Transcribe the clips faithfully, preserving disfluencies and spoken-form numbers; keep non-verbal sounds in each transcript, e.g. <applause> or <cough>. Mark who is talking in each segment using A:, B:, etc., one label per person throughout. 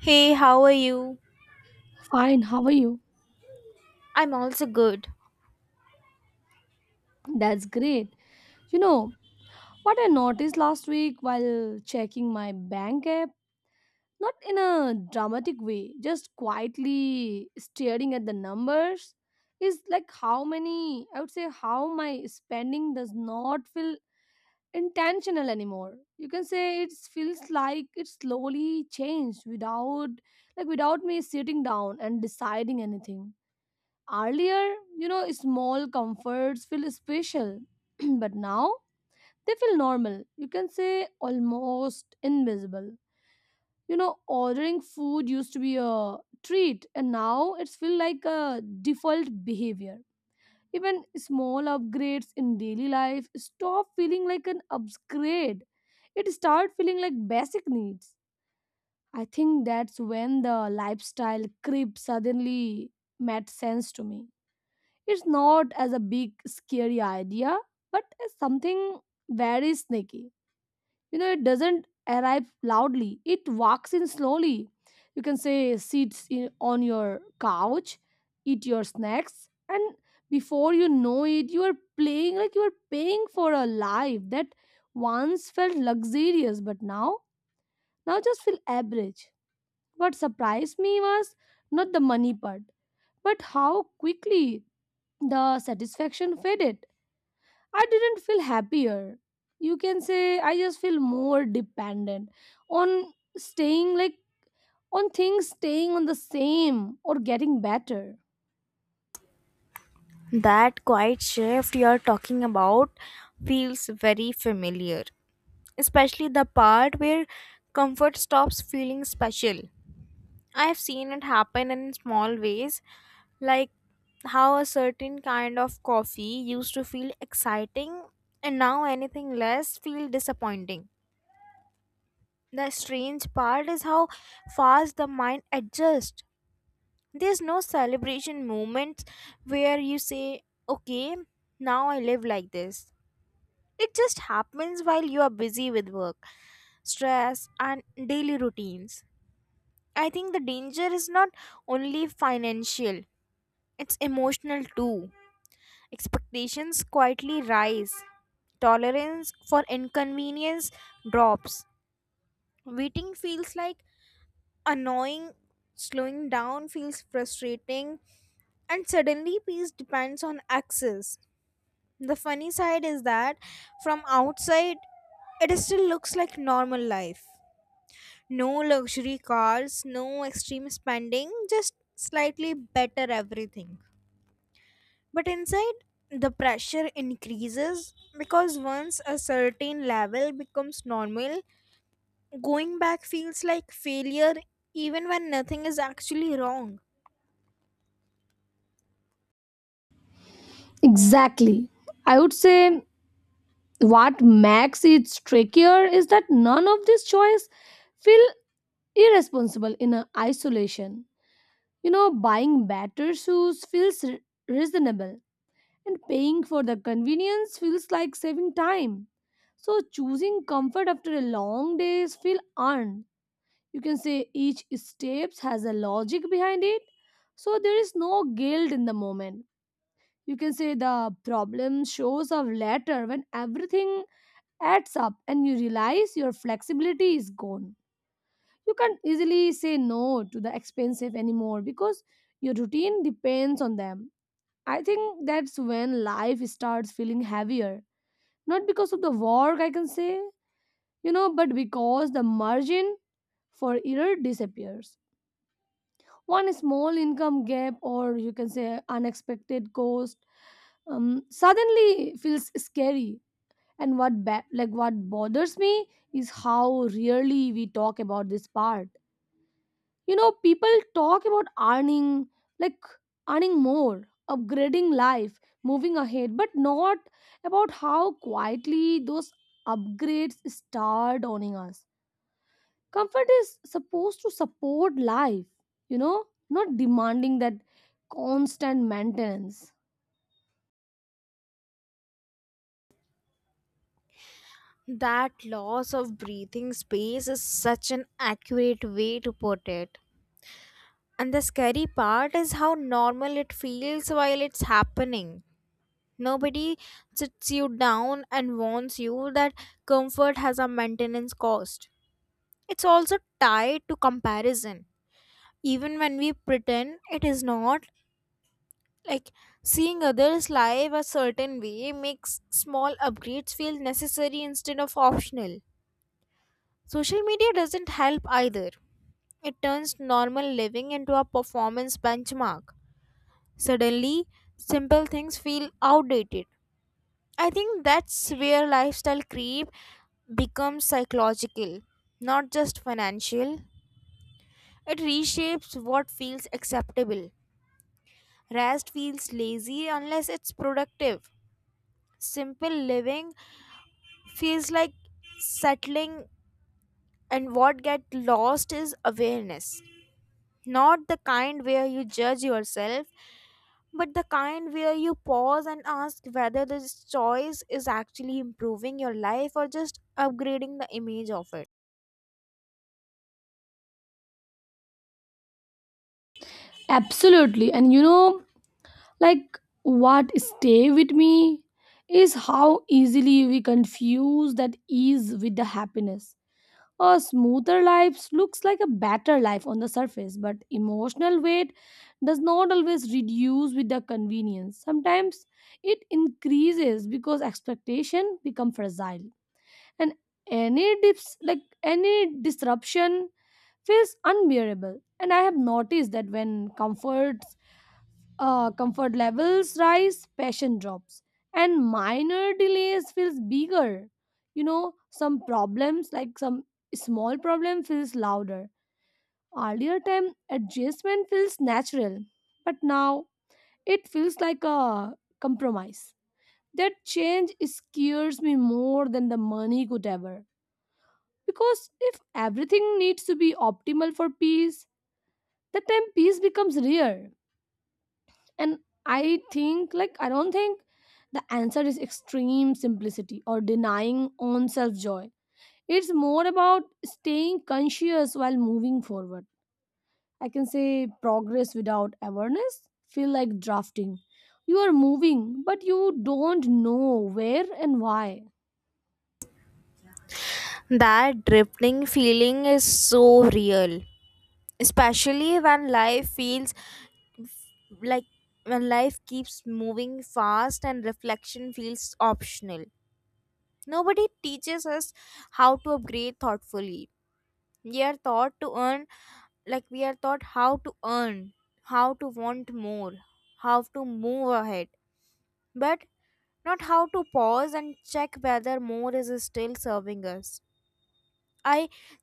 A: Hey, how are you?
B: Fine, how are you?
A: I'm also good.
B: That's great. You know, what I noticed last week while checking my bank app, not in a dramatic way, just quietly staring at the numbers, is like how many, I would say, how my spending does not feel intentional anymore. You can say it feels like it slowly changed without, like, without me sitting down and deciding anything. Earlier, you know, small comforts feel special, <clears throat> but now they feel normal. You can say almost invisible. You know, ordering food used to be a treat, and now it's feel like a default behavior. Even small upgrades in daily life stop feeling like an upgrade. It start feeling like basic needs. I think that's when the lifestyle creep suddenly made sense to me. It's not as a big scary idea, but as something very sneaky. You know, it doesn't arrive loudly. It walks in slowly. You can say sits in, on your couch, eat your snacks, and before you know it, you are playing like you are paying for a life that once felt luxurious, but now now just feel average. What surprised me was not the money part, but how quickly the satisfaction faded. I didn't feel happier. You can say I just feel more dependent on staying like on things staying on the same or getting better.
A: That quiet shift you're talking about feels very familiar, especially the part where comfort stops feeling special. I've seen it happen in small ways, like how a certain kind of coffee used to feel exciting and now anything less feels disappointing. The strange part is how fast the mind adjusts. There's no celebration moments where you say, okay, now I live like this. It just happens while you are busy with work, stress, and daily routines. I think the danger is not only financial, it's emotional too. Expectations quietly rise, tolerance for inconvenience drops. Waiting feels like annoying, slowing down feels frustrating, and suddenly peace depends on access. The funny side is that from outside, it still looks like normal life. No luxury cars, no extreme spending, just slightly better everything. But inside, the pressure increases because once a certain level becomes normal, going back feels like failure even when nothing is actually wrong.
B: Exactly. I would say what makes it trickier is that none of these choice feel irresponsible in a isolation. You know, buying better shoes feels re- reasonable and paying for the convenience feels like saving time. So choosing comfort after a long days feel earned. You can say each steps has a logic behind it. So there is no guilt in the moment. You can say the problem shows up later when everything adds up and you realize your flexibility is gone. You can't easily say no to the expensive anymore because your routine depends on them. I think that's when life starts feeling heavier not because of the work, I can say, you know, but because the margin for error disappears. One small income gap, or you can say unexpected cost, um, suddenly feels scary. And what ba- like what bothers me is how rarely we talk about this part, you know, people talk about earning, like earning more, upgrading life, moving ahead, but not about how quietly those upgrades start owning us. Comfort is supposed to support life, you know, not demanding that constant maintenance.
A: That loss of breathing space is such an accurate way to put it. And the scary part is how normal it feels while it's happening. Nobody sits you down and warns you that comfort has a maintenance cost. It's also tied to comparison. Even when we pretend it is not, like seeing others live a certain way makes small upgrades feel necessary instead of optional. Social media doesn't help either. It turns normal living into a performance benchmark. Suddenly, simple things feel outdated. I think that's where lifestyle creep becomes psychological, not just financial. It reshapes what feels acceptable. Rest feels lazy unless it's productive. Simple living feels like settling, and what gets lost is awareness. Not the kind where you judge yourself, but the kind where you pause and ask whether this choice is actually improving your life or just upgrading the image of it.
B: Absolutely. And you know, like what stay with me is how easily we confuse that ease with the happiness. A smoother life looks like a better life on the surface, but emotional weight does not always reduce with the convenience. Sometimes it increases because expectation become fragile, and any dips like any disruption feels unbearable. And I have noticed that when comfort uh, comfort levels rise, passion drops, and minor delays feels bigger. You know, some problems like some small problem feels louder. Earlier time adjustment feels natural, but now it feels like a compromise. That change scares me more than the money could ever. Because if everything needs to be optimal for peace, that time peace becomes rare. And i think like i don't think the answer is extreme simplicity or denying own self joy. It's more about staying conscious while moving forward. I can say progress without awareness feel like drafting. You are moving, but you don't know where and why.
A: That drifting feeling is so real, especially when life feels like when life keeps moving fast and reflection feels optional. Nobody teaches us how to upgrade thoughtfully. We are taught to earn, like we are taught how to earn, how to want more, how to move ahead, but not how to pause and check whether more is still serving us. I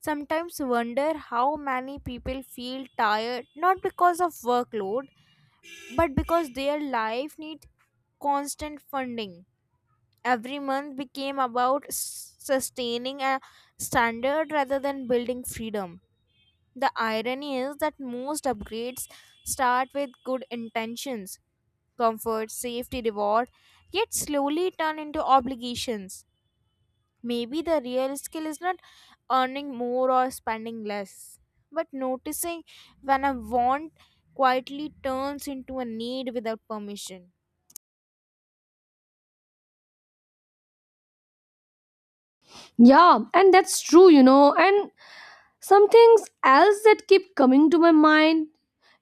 A: sometimes wonder how many people feel tired not because of workload but because their life needs constant funding. Every month became about s- sustaining a standard rather than building freedom. The irony is that most upgrades start with good intentions, comfort, safety, reward, yet slowly turn into obligations. Maybe the real skill is not earning more or spending less, but noticing when a want quietly turns into a need without permission.
B: Yeah, and that's true. You know, and some things else that keep coming to my mind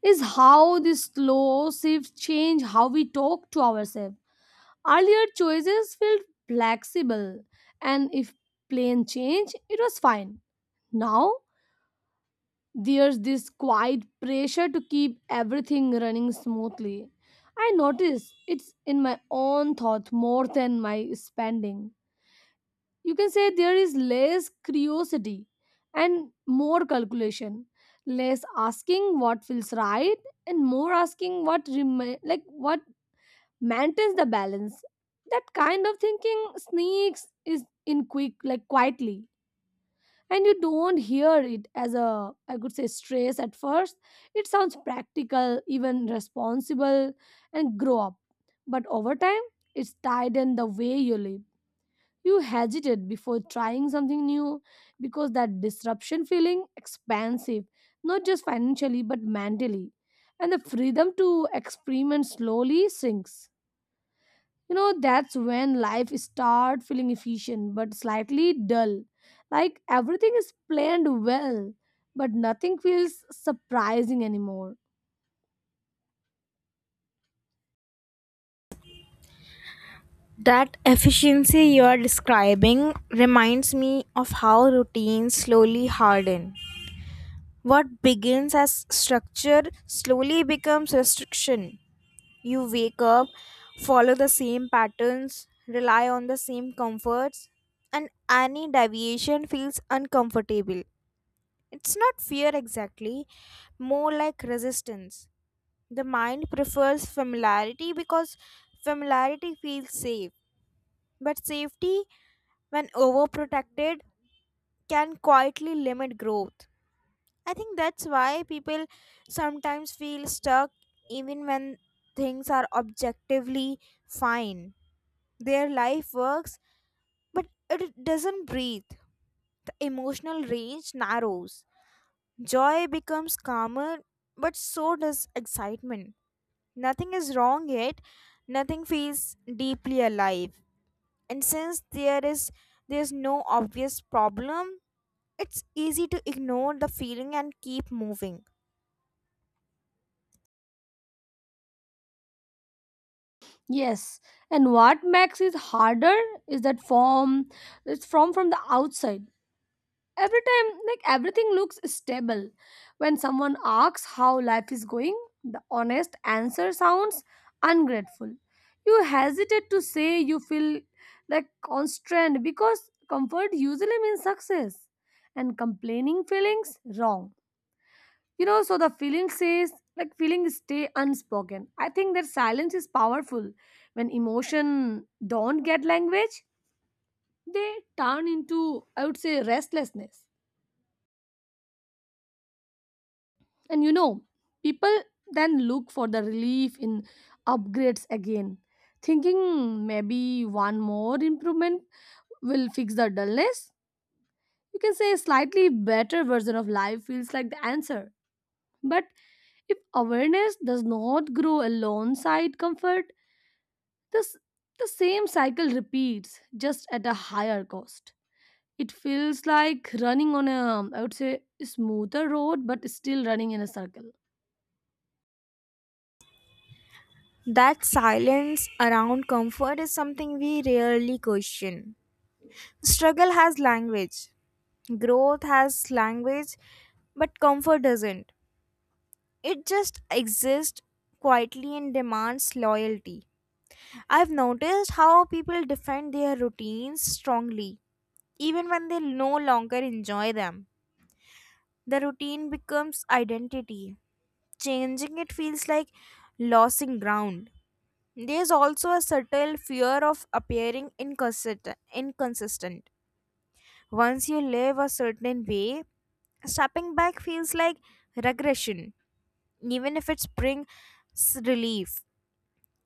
B: is how this slow shifts change how we talk to ourselves. Earlier choices felt flexible, and if plan changed, it was fine. Now there's this quiet pressure to keep everything running smoothly. I notice it's in my own thought more than my spending. You can say there is less curiosity and more calculation, less asking what feels right and more asking what remain like what maintains the balance. That kind of thinking sneaks is in quick like quietly, and you don't hear it as a, I could say, stress at first. It sounds practical, even responsible, and grow up. But over time it's tied in the way you live. You hesitate before trying something new because that disruption feeling expansive, not just financially but mentally, and the freedom to experiment slowly sinks. You know, that's when life start feeling efficient but slightly dull, like everything is planned well but nothing feels surprising anymore.
A: That efficiency you are describing reminds me of how routines slowly harden. What begins as structure slowly becomes restriction. You wake up, follow the same patterns, rely on the same comforts, and any deviation feels uncomfortable. It's not fear exactly, more like resistance. The mind prefers familiarity because familiarity feels safe, but safety, when overprotected, can quietly limit growth. I think that's why people sometimes feel stuck even when things are objectively fine. Their life works, but it doesn't breathe. The emotional range narrows. Joy becomes calmer, but so does excitement. Nothing is wrong yet, nothing feels deeply alive. And since there is there's no obvious problem, it's easy to ignore the feeling and keep moving.
B: Yes, and what makes it harder is that form it's from from the outside, every time like everything looks stable. When someone asks how life is going, the honest answer sounds ungrateful. You hesitate to say you feel like constrained, because comfort usually means success and complaining feelings wrong. You know, so the feeling says like feeling stay unspoken. I think that silence is powerful. When emotion don't get language, they turn into, I would say, restlessness. And you know, people then look for the relief in upgrades again, thinking maybe one more improvement will fix the dullness. You can say a slightly better version of life feels like the answer. But if awareness does not grow alongside comfort, this the same cycle repeats just at a higher cost. It feels like running on a, I would say, smoother road but still running in a circle.
A: That silence around comfort is something we rarely question. Struggle has language, growth has language, but comfort doesn't. It just exists quietly and demands loyalty. I've noticed how people defend their routines strongly, even when they no longer enjoy them. The routine becomes identity. Changing it feels like losing ground. There's also a subtle fear of appearing inconsistent. inconsistent. Once you live a certain way, stepping back feels like regression, even if it brings relief.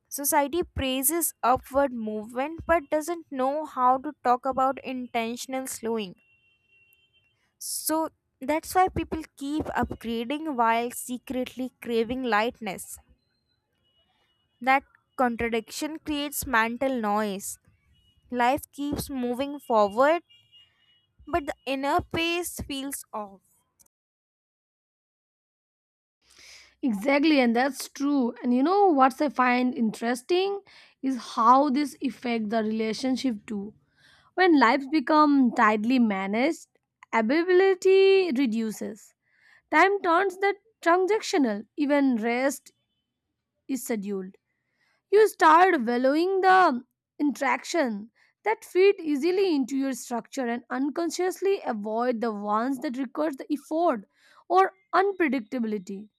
A: Society praises upward movement but doesn't know how to talk about intentional slowing. So that's why people keep upgrading while secretly craving lightness. That contradiction creates mental noise. Life keeps moving forward, but the inner pace feels off.
B: Exactly, and that's true. And you know what I find interesting is how this affect the relationship too. When lives become tightly managed, availability reduces. Time turns that transactional. Even rest is scheduled. You start valuing the interaction that fit easily into your structure and unconsciously avoid the ones that requires the effort or unpredictability.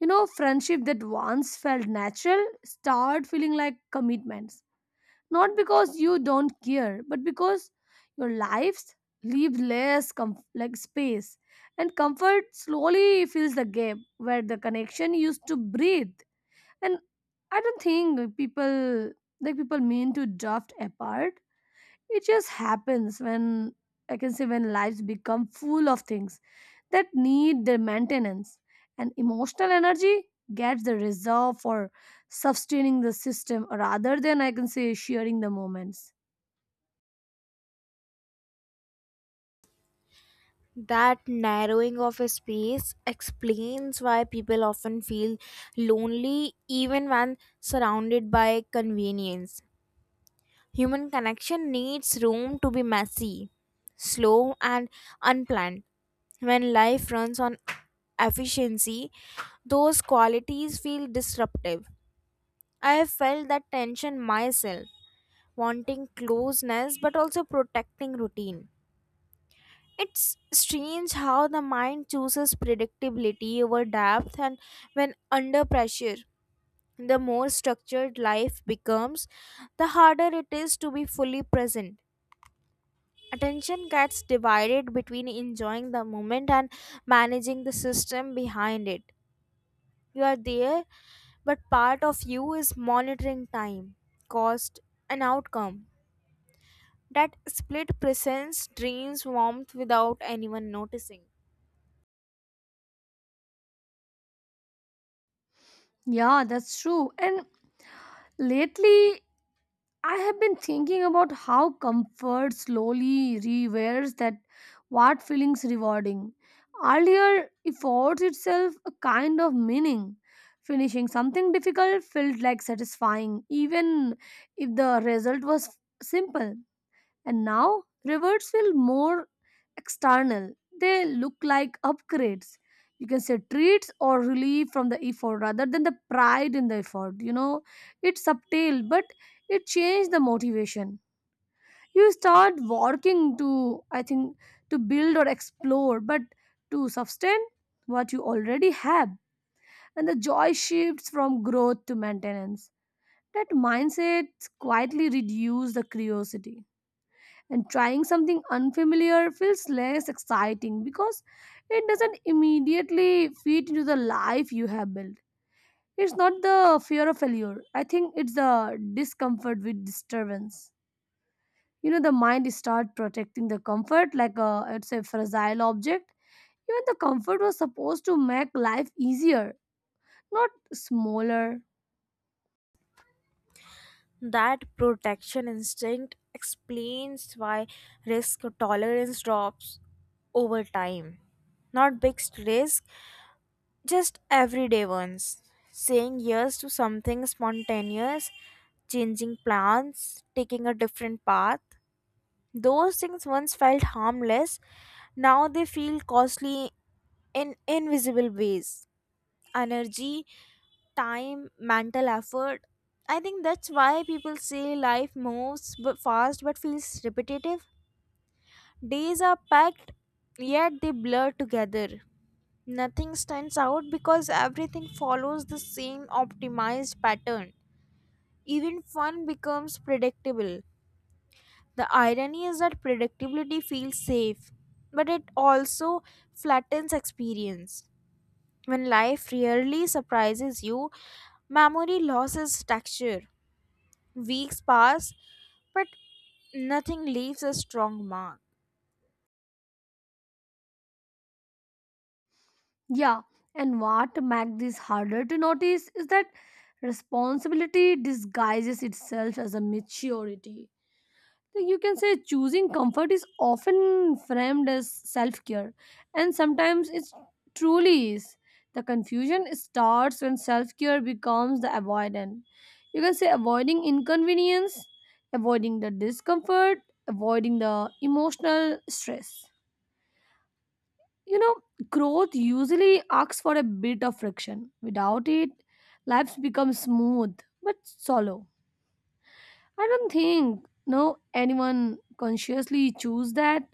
B: You know, friendship that once felt natural start feeling like commitments. Not because you don't care, but because your lives leave less comf- like space, and comfort slowly fills the gap where the connection used to breathe. And I don't think people like people mean to drift apart. It just happens when, I can say, when lives become full of things that need their maintenance, and emotional energy gets the reserve for sustaining the system rather than, I can say, sharing the moments.
A: That narrowing of a space explains why people often feel lonely even when surrounded by convenience. Human connection needs room to be messy, slow, and unplanned. When life runs on efficiency, those qualities feel disruptive. I have felt that tension myself, wanting closeness but also protecting routine. It's strange how the mind chooses predictability over depth, and when under pressure, the more structured life becomes, the harder it is to be fully present. Attention gets divided between enjoying the moment and managing the system behind it. You are there, but part of you is monitoring time, cost, and outcome. That split presence drains warmth without anyone noticing.
B: Yeah, that's true. And lately, I have been thinking about how comfort slowly rewears that what feelings rewarding. Earlier, affords itself a kind of meaning. Finishing something difficult felt like satisfying, even if the result was simple. And now rewards feel more external. They look like upgrades. You can say treats or relief from the effort rather than the pride in the effort. You know, it's subtle, but it changed the motivation. You start working to, I think, to build or explore, but to sustain what you already have. And the joy shifts from growth to maintenance. That mindset quietly reduces the curiosity, and trying something unfamiliar feels less exciting because it doesn't immediately fit into the life you have built. It's not the fear of failure. I think it's the discomfort with disturbance. You know, the mind starts protecting the comfort like a it's a fragile object. Even the comfort was supposed to make life easier, not smaller.
A: That protection instinct explains why risk tolerance drops over time. Not big risk, just everyday ones. Saying yes to something spontaneous, changing plans, taking a different path. Those things once felt harmless, now they feel costly in invisible ways. Energy, time, mental effort. I think that's why people say life moves bu- fast but feels repetitive. Days are packed, yet they blur together. Nothing stands out because everything follows the same optimized pattern. Even fun becomes predictable. The irony is that predictability feels safe, but it also flattens experience. When life rarely surprises you, memory loses texture. Weeks pass, but nothing leaves a strong mark.
B: Yeah, and what makes this harder to notice is that responsibility disguises itself as a maturity. Like you can say choosing comfort is often framed as self care, and sometimes it truly is. The confusion starts when self care becomes the avoidant. You can say avoiding inconvenience, avoiding the discomfort, avoiding the emotional stress. You know, growth usually asks for a bit of friction. Without it, lives become smooth but shallow. I don't think no anyone consciously choose that.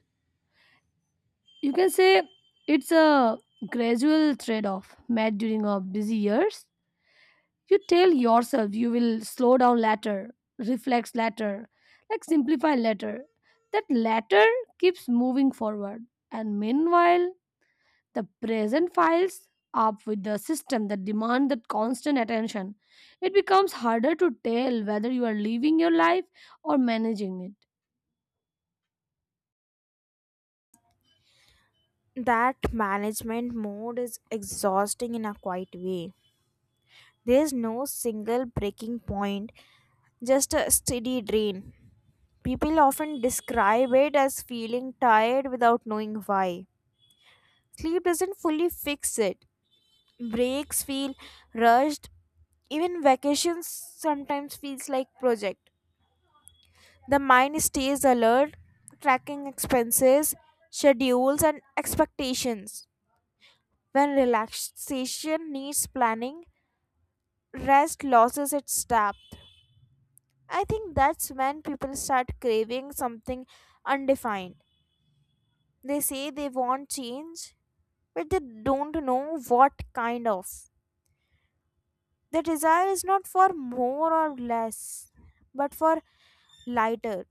B: You can say it's a gradual trade-off made during our busy years. You tell yourself you will slow down later, reflect later, like simplify later. That later keeps moving forward, and meanwhile the present files up with the system that demand that constant attention. It becomes harder to tell whether you are living your life or managing it.
A: That management mode is exhausting in a quiet way. There is no single breaking point, just a steady drain. People often describe it as feeling tired without knowing why. Sleep doesn't fully fix it. Breaks feel rushed. Even vacations sometimes feels like project. The mind stays alert, tracking expenses, schedules, and expectations. When relaxation needs planning, rest loses its depth. I think that's when people start craving something undefined. They say they want change, but they don't know what kind of. The desire is not for more or less, but for lighter.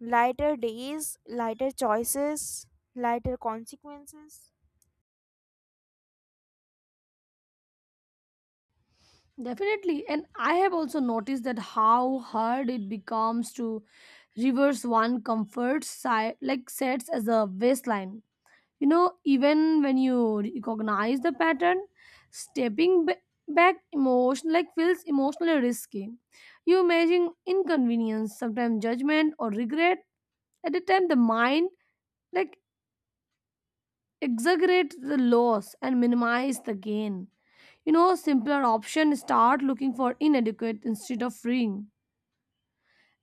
A: Lighter days, lighter choices, lighter consequences.
B: Definitely, and I have also noticed that how hard it becomes to reverse one comfort side like sets as a baseline. You know, even when you recognize the pattern, stepping ba- back emotion like feels emotionally risky. You imagine inconvenience, sometimes judgment or regret. At the time, the mind like exaggerates the loss and minimize the gain. You know, simpler option start looking for inadequate instead of freeing.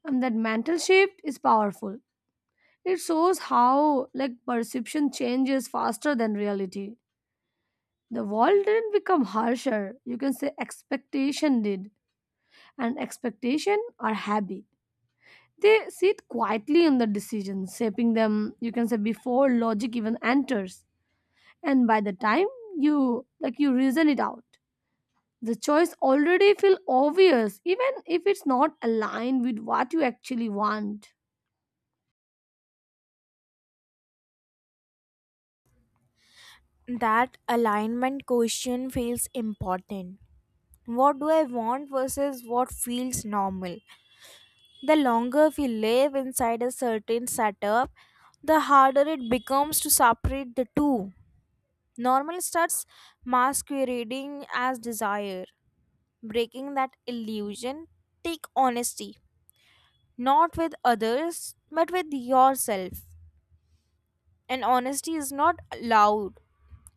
B: And that mental shift is powerful. It shows how like perception changes faster than reality. The world didn't become harsher. You can say expectation did. And expectation are happy. They sit quietly in the decisions, shaping them, you can say, before logic even enters. And by the time you like you reason it out, the choice already feel obvious even if it's not aligned with what you actually want.
A: That alignment question feels important. What do I want versus what feels normal? The longer we live inside a certain setup, the harder it becomes to separate the two. Normal starts masquerading as desire. Breaking that illusion, take honesty, not with others, but with yourself. And honesty is not loud.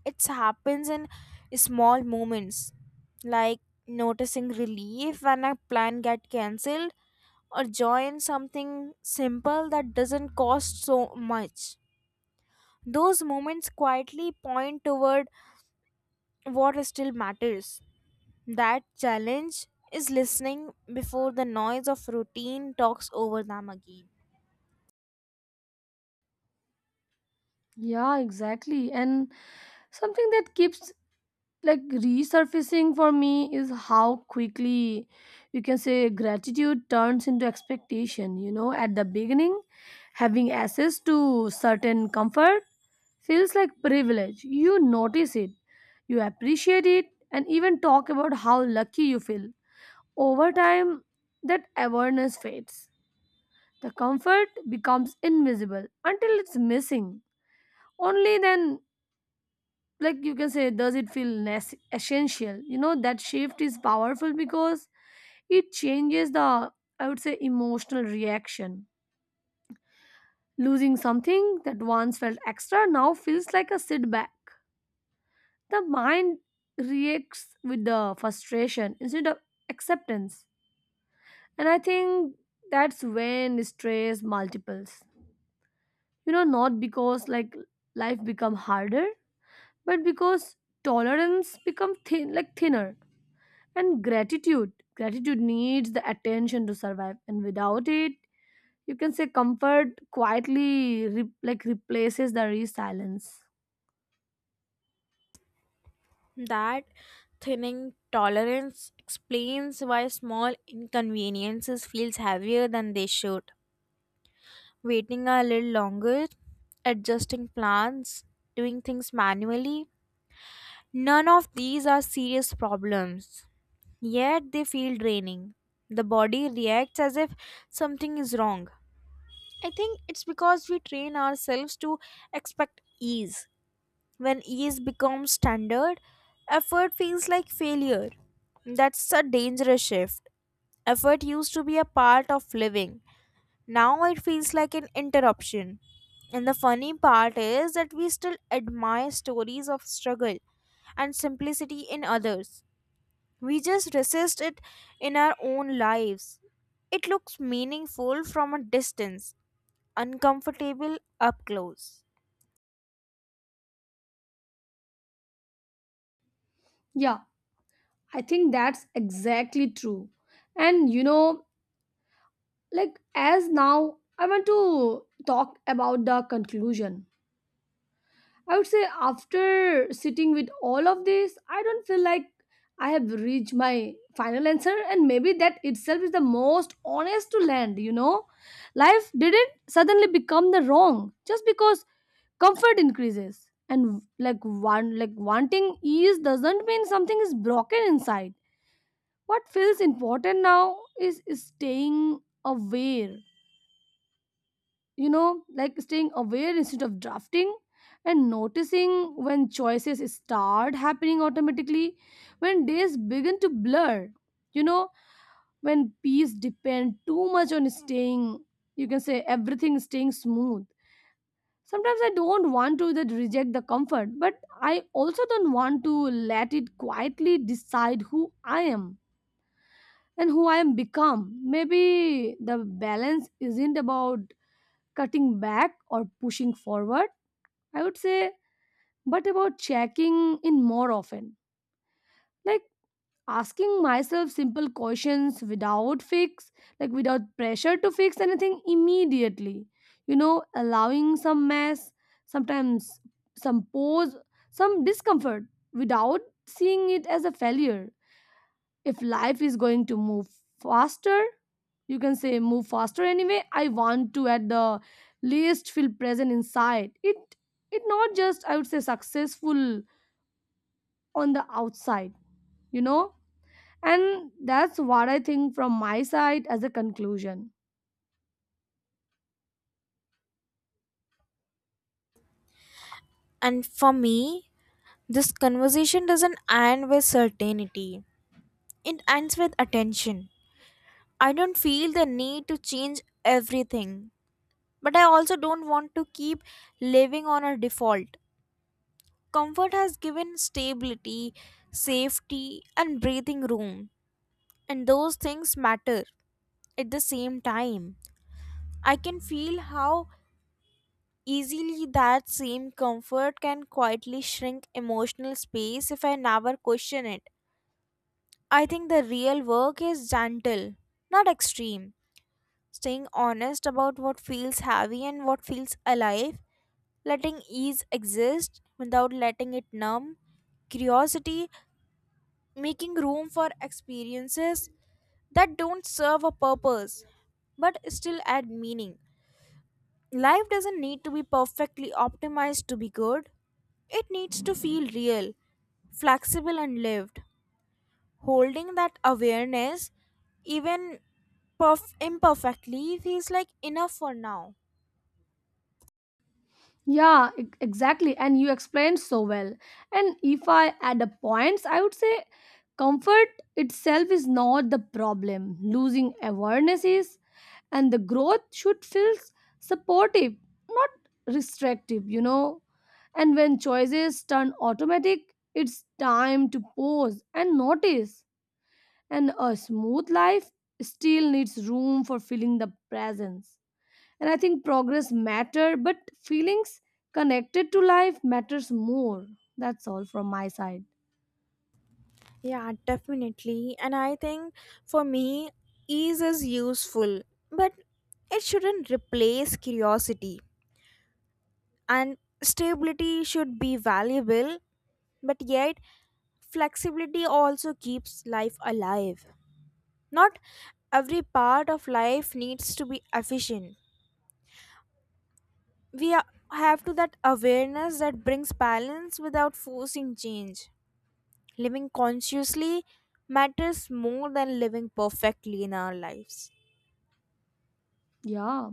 A: It happens in small moments, like noticing relief when a plan get cancelled or joy in something simple that doesn't cost so much. Those moments quietly point toward what still matters. That challenge is listening before the noise of routine talks over them again.
B: Yeah, exactly. And something that keeps like resurfacing for me is how quickly, you can say, gratitude turns into expectation. You know, at the beginning, having access to certain comfort feels like privilege. You notice it, you appreciate it, and even talk about how lucky you feel. Over time, that awareness fades. The comfort becomes invisible until it's missing. Only then, like you can say, does it feel nes- essential. You know, that shift is powerful because it changes the, I would say, emotional reaction. Losing something that once felt extra now feels like a setback. The mind reacts with the frustration instead of acceptance. And I think that's when stress multiples. You know, not because like life become harder, but because tolerance become thin like thinner. And gratitude. Gratitude needs the attention to survive. And without it, you can say comfort quietly re- like replaces the resilience.
A: That thinning tolerance explains why small inconveniences feels heavier than they should. Waiting a little longer, adjusting plans, doing things manually. None of these are serious problems, yet they feel draining. The body reacts as if something is wrong. I think it's because we train ourselves to expect ease. When ease becomes standard, effort feels like failure. That's a dangerous shift. Effort used to be a part of living, now it feels like an interruption. And the funny part is that we still admire stories of struggle and simplicity in others. We just resist it in our own lives. It looks meaningful from a distance, uncomfortable up close.
B: Yeah, I think that's exactly true. And you know, like as now I want to talk about the conclusion. I would say after sitting with all of this, I don't feel like I have reached my final answer, and maybe that itself is the most honest to land. You know, life didn't suddenly become the wrong just because comfort increases, and like one like wanting ease doesn't mean something is broken inside. What feels important now is staying aware. You know, like staying aware instead of drafting, and noticing when choices start happening automatically, when days begin to blur, you know, when peace depend too much on staying, you can say everything staying smooth. Sometimes I don't want to that reject the comfort, but I also don't want to let it quietly decide who I am and who I am become. Maybe the balance isn't about cutting back or pushing forward, I would say, but about checking in more often. Like asking myself simple questions without fix, like without pressure to fix anything immediately. You know, allowing some mess, sometimes some pause, some discomfort without seeing it as a failure. If life is going to move faster, you can say move faster anyway. I want to at the least feel present inside. It it not just, I would say, successful on the outside, you know? And that's what I think from my side as a conclusion.
A: And for me, this conversation doesn't end with certainty, it ends with attention. I don't feel the need to change everything, but I also don't want to keep living on a default. Comfort has given stability, safety, and breathing room, and those things matter at the same time. I can feel how easily that same comfort can quietly shrink emotional space if I never question it. I think the real work is gentle, not extreme. Staying honest about what feels heavy and what feels alive, letting ease exist without letting it numb, curiosity, making room for experiences that don't serve a purpose but still add meaning. Life doesn't need to be perfectly optimized to be good, it needs to feel real, flexible, and lived. Holding that awareness, even perf- imperfectly, feels like enough for now.
B: Yeah, e- exactly. And you explained so well. And if I add up points, I would say comfort itself is not the problem. Losing awareness is, and the growth should feel supportive, not restrictive, you know. And when choices turn automatic, it's time to pause and notice. And a smooth life still needs room for feeling the presence. And I think progress matter, but feelings connected to life matters more. That's all from my side.
A: Yeah, definitely. And I think for me, ease is useful, but it shouldn't replace curiosity. And stability should be valuable, but yet flexibility also keeps life alive. Not every part of life needs to be efficient. We are- have to that awareness that brings balance without forcing change. Living consciously matters more than living perfectly in our lives.
B: Yeah,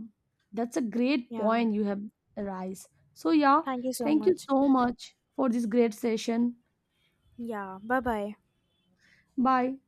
B: that's a great
A: Yeah.
B: point you have arise. So yeah,
A: Thank you so
B: thank you
A: much.
B: so much for this great session.
A: Yeah. Bye bye.
B: Bye.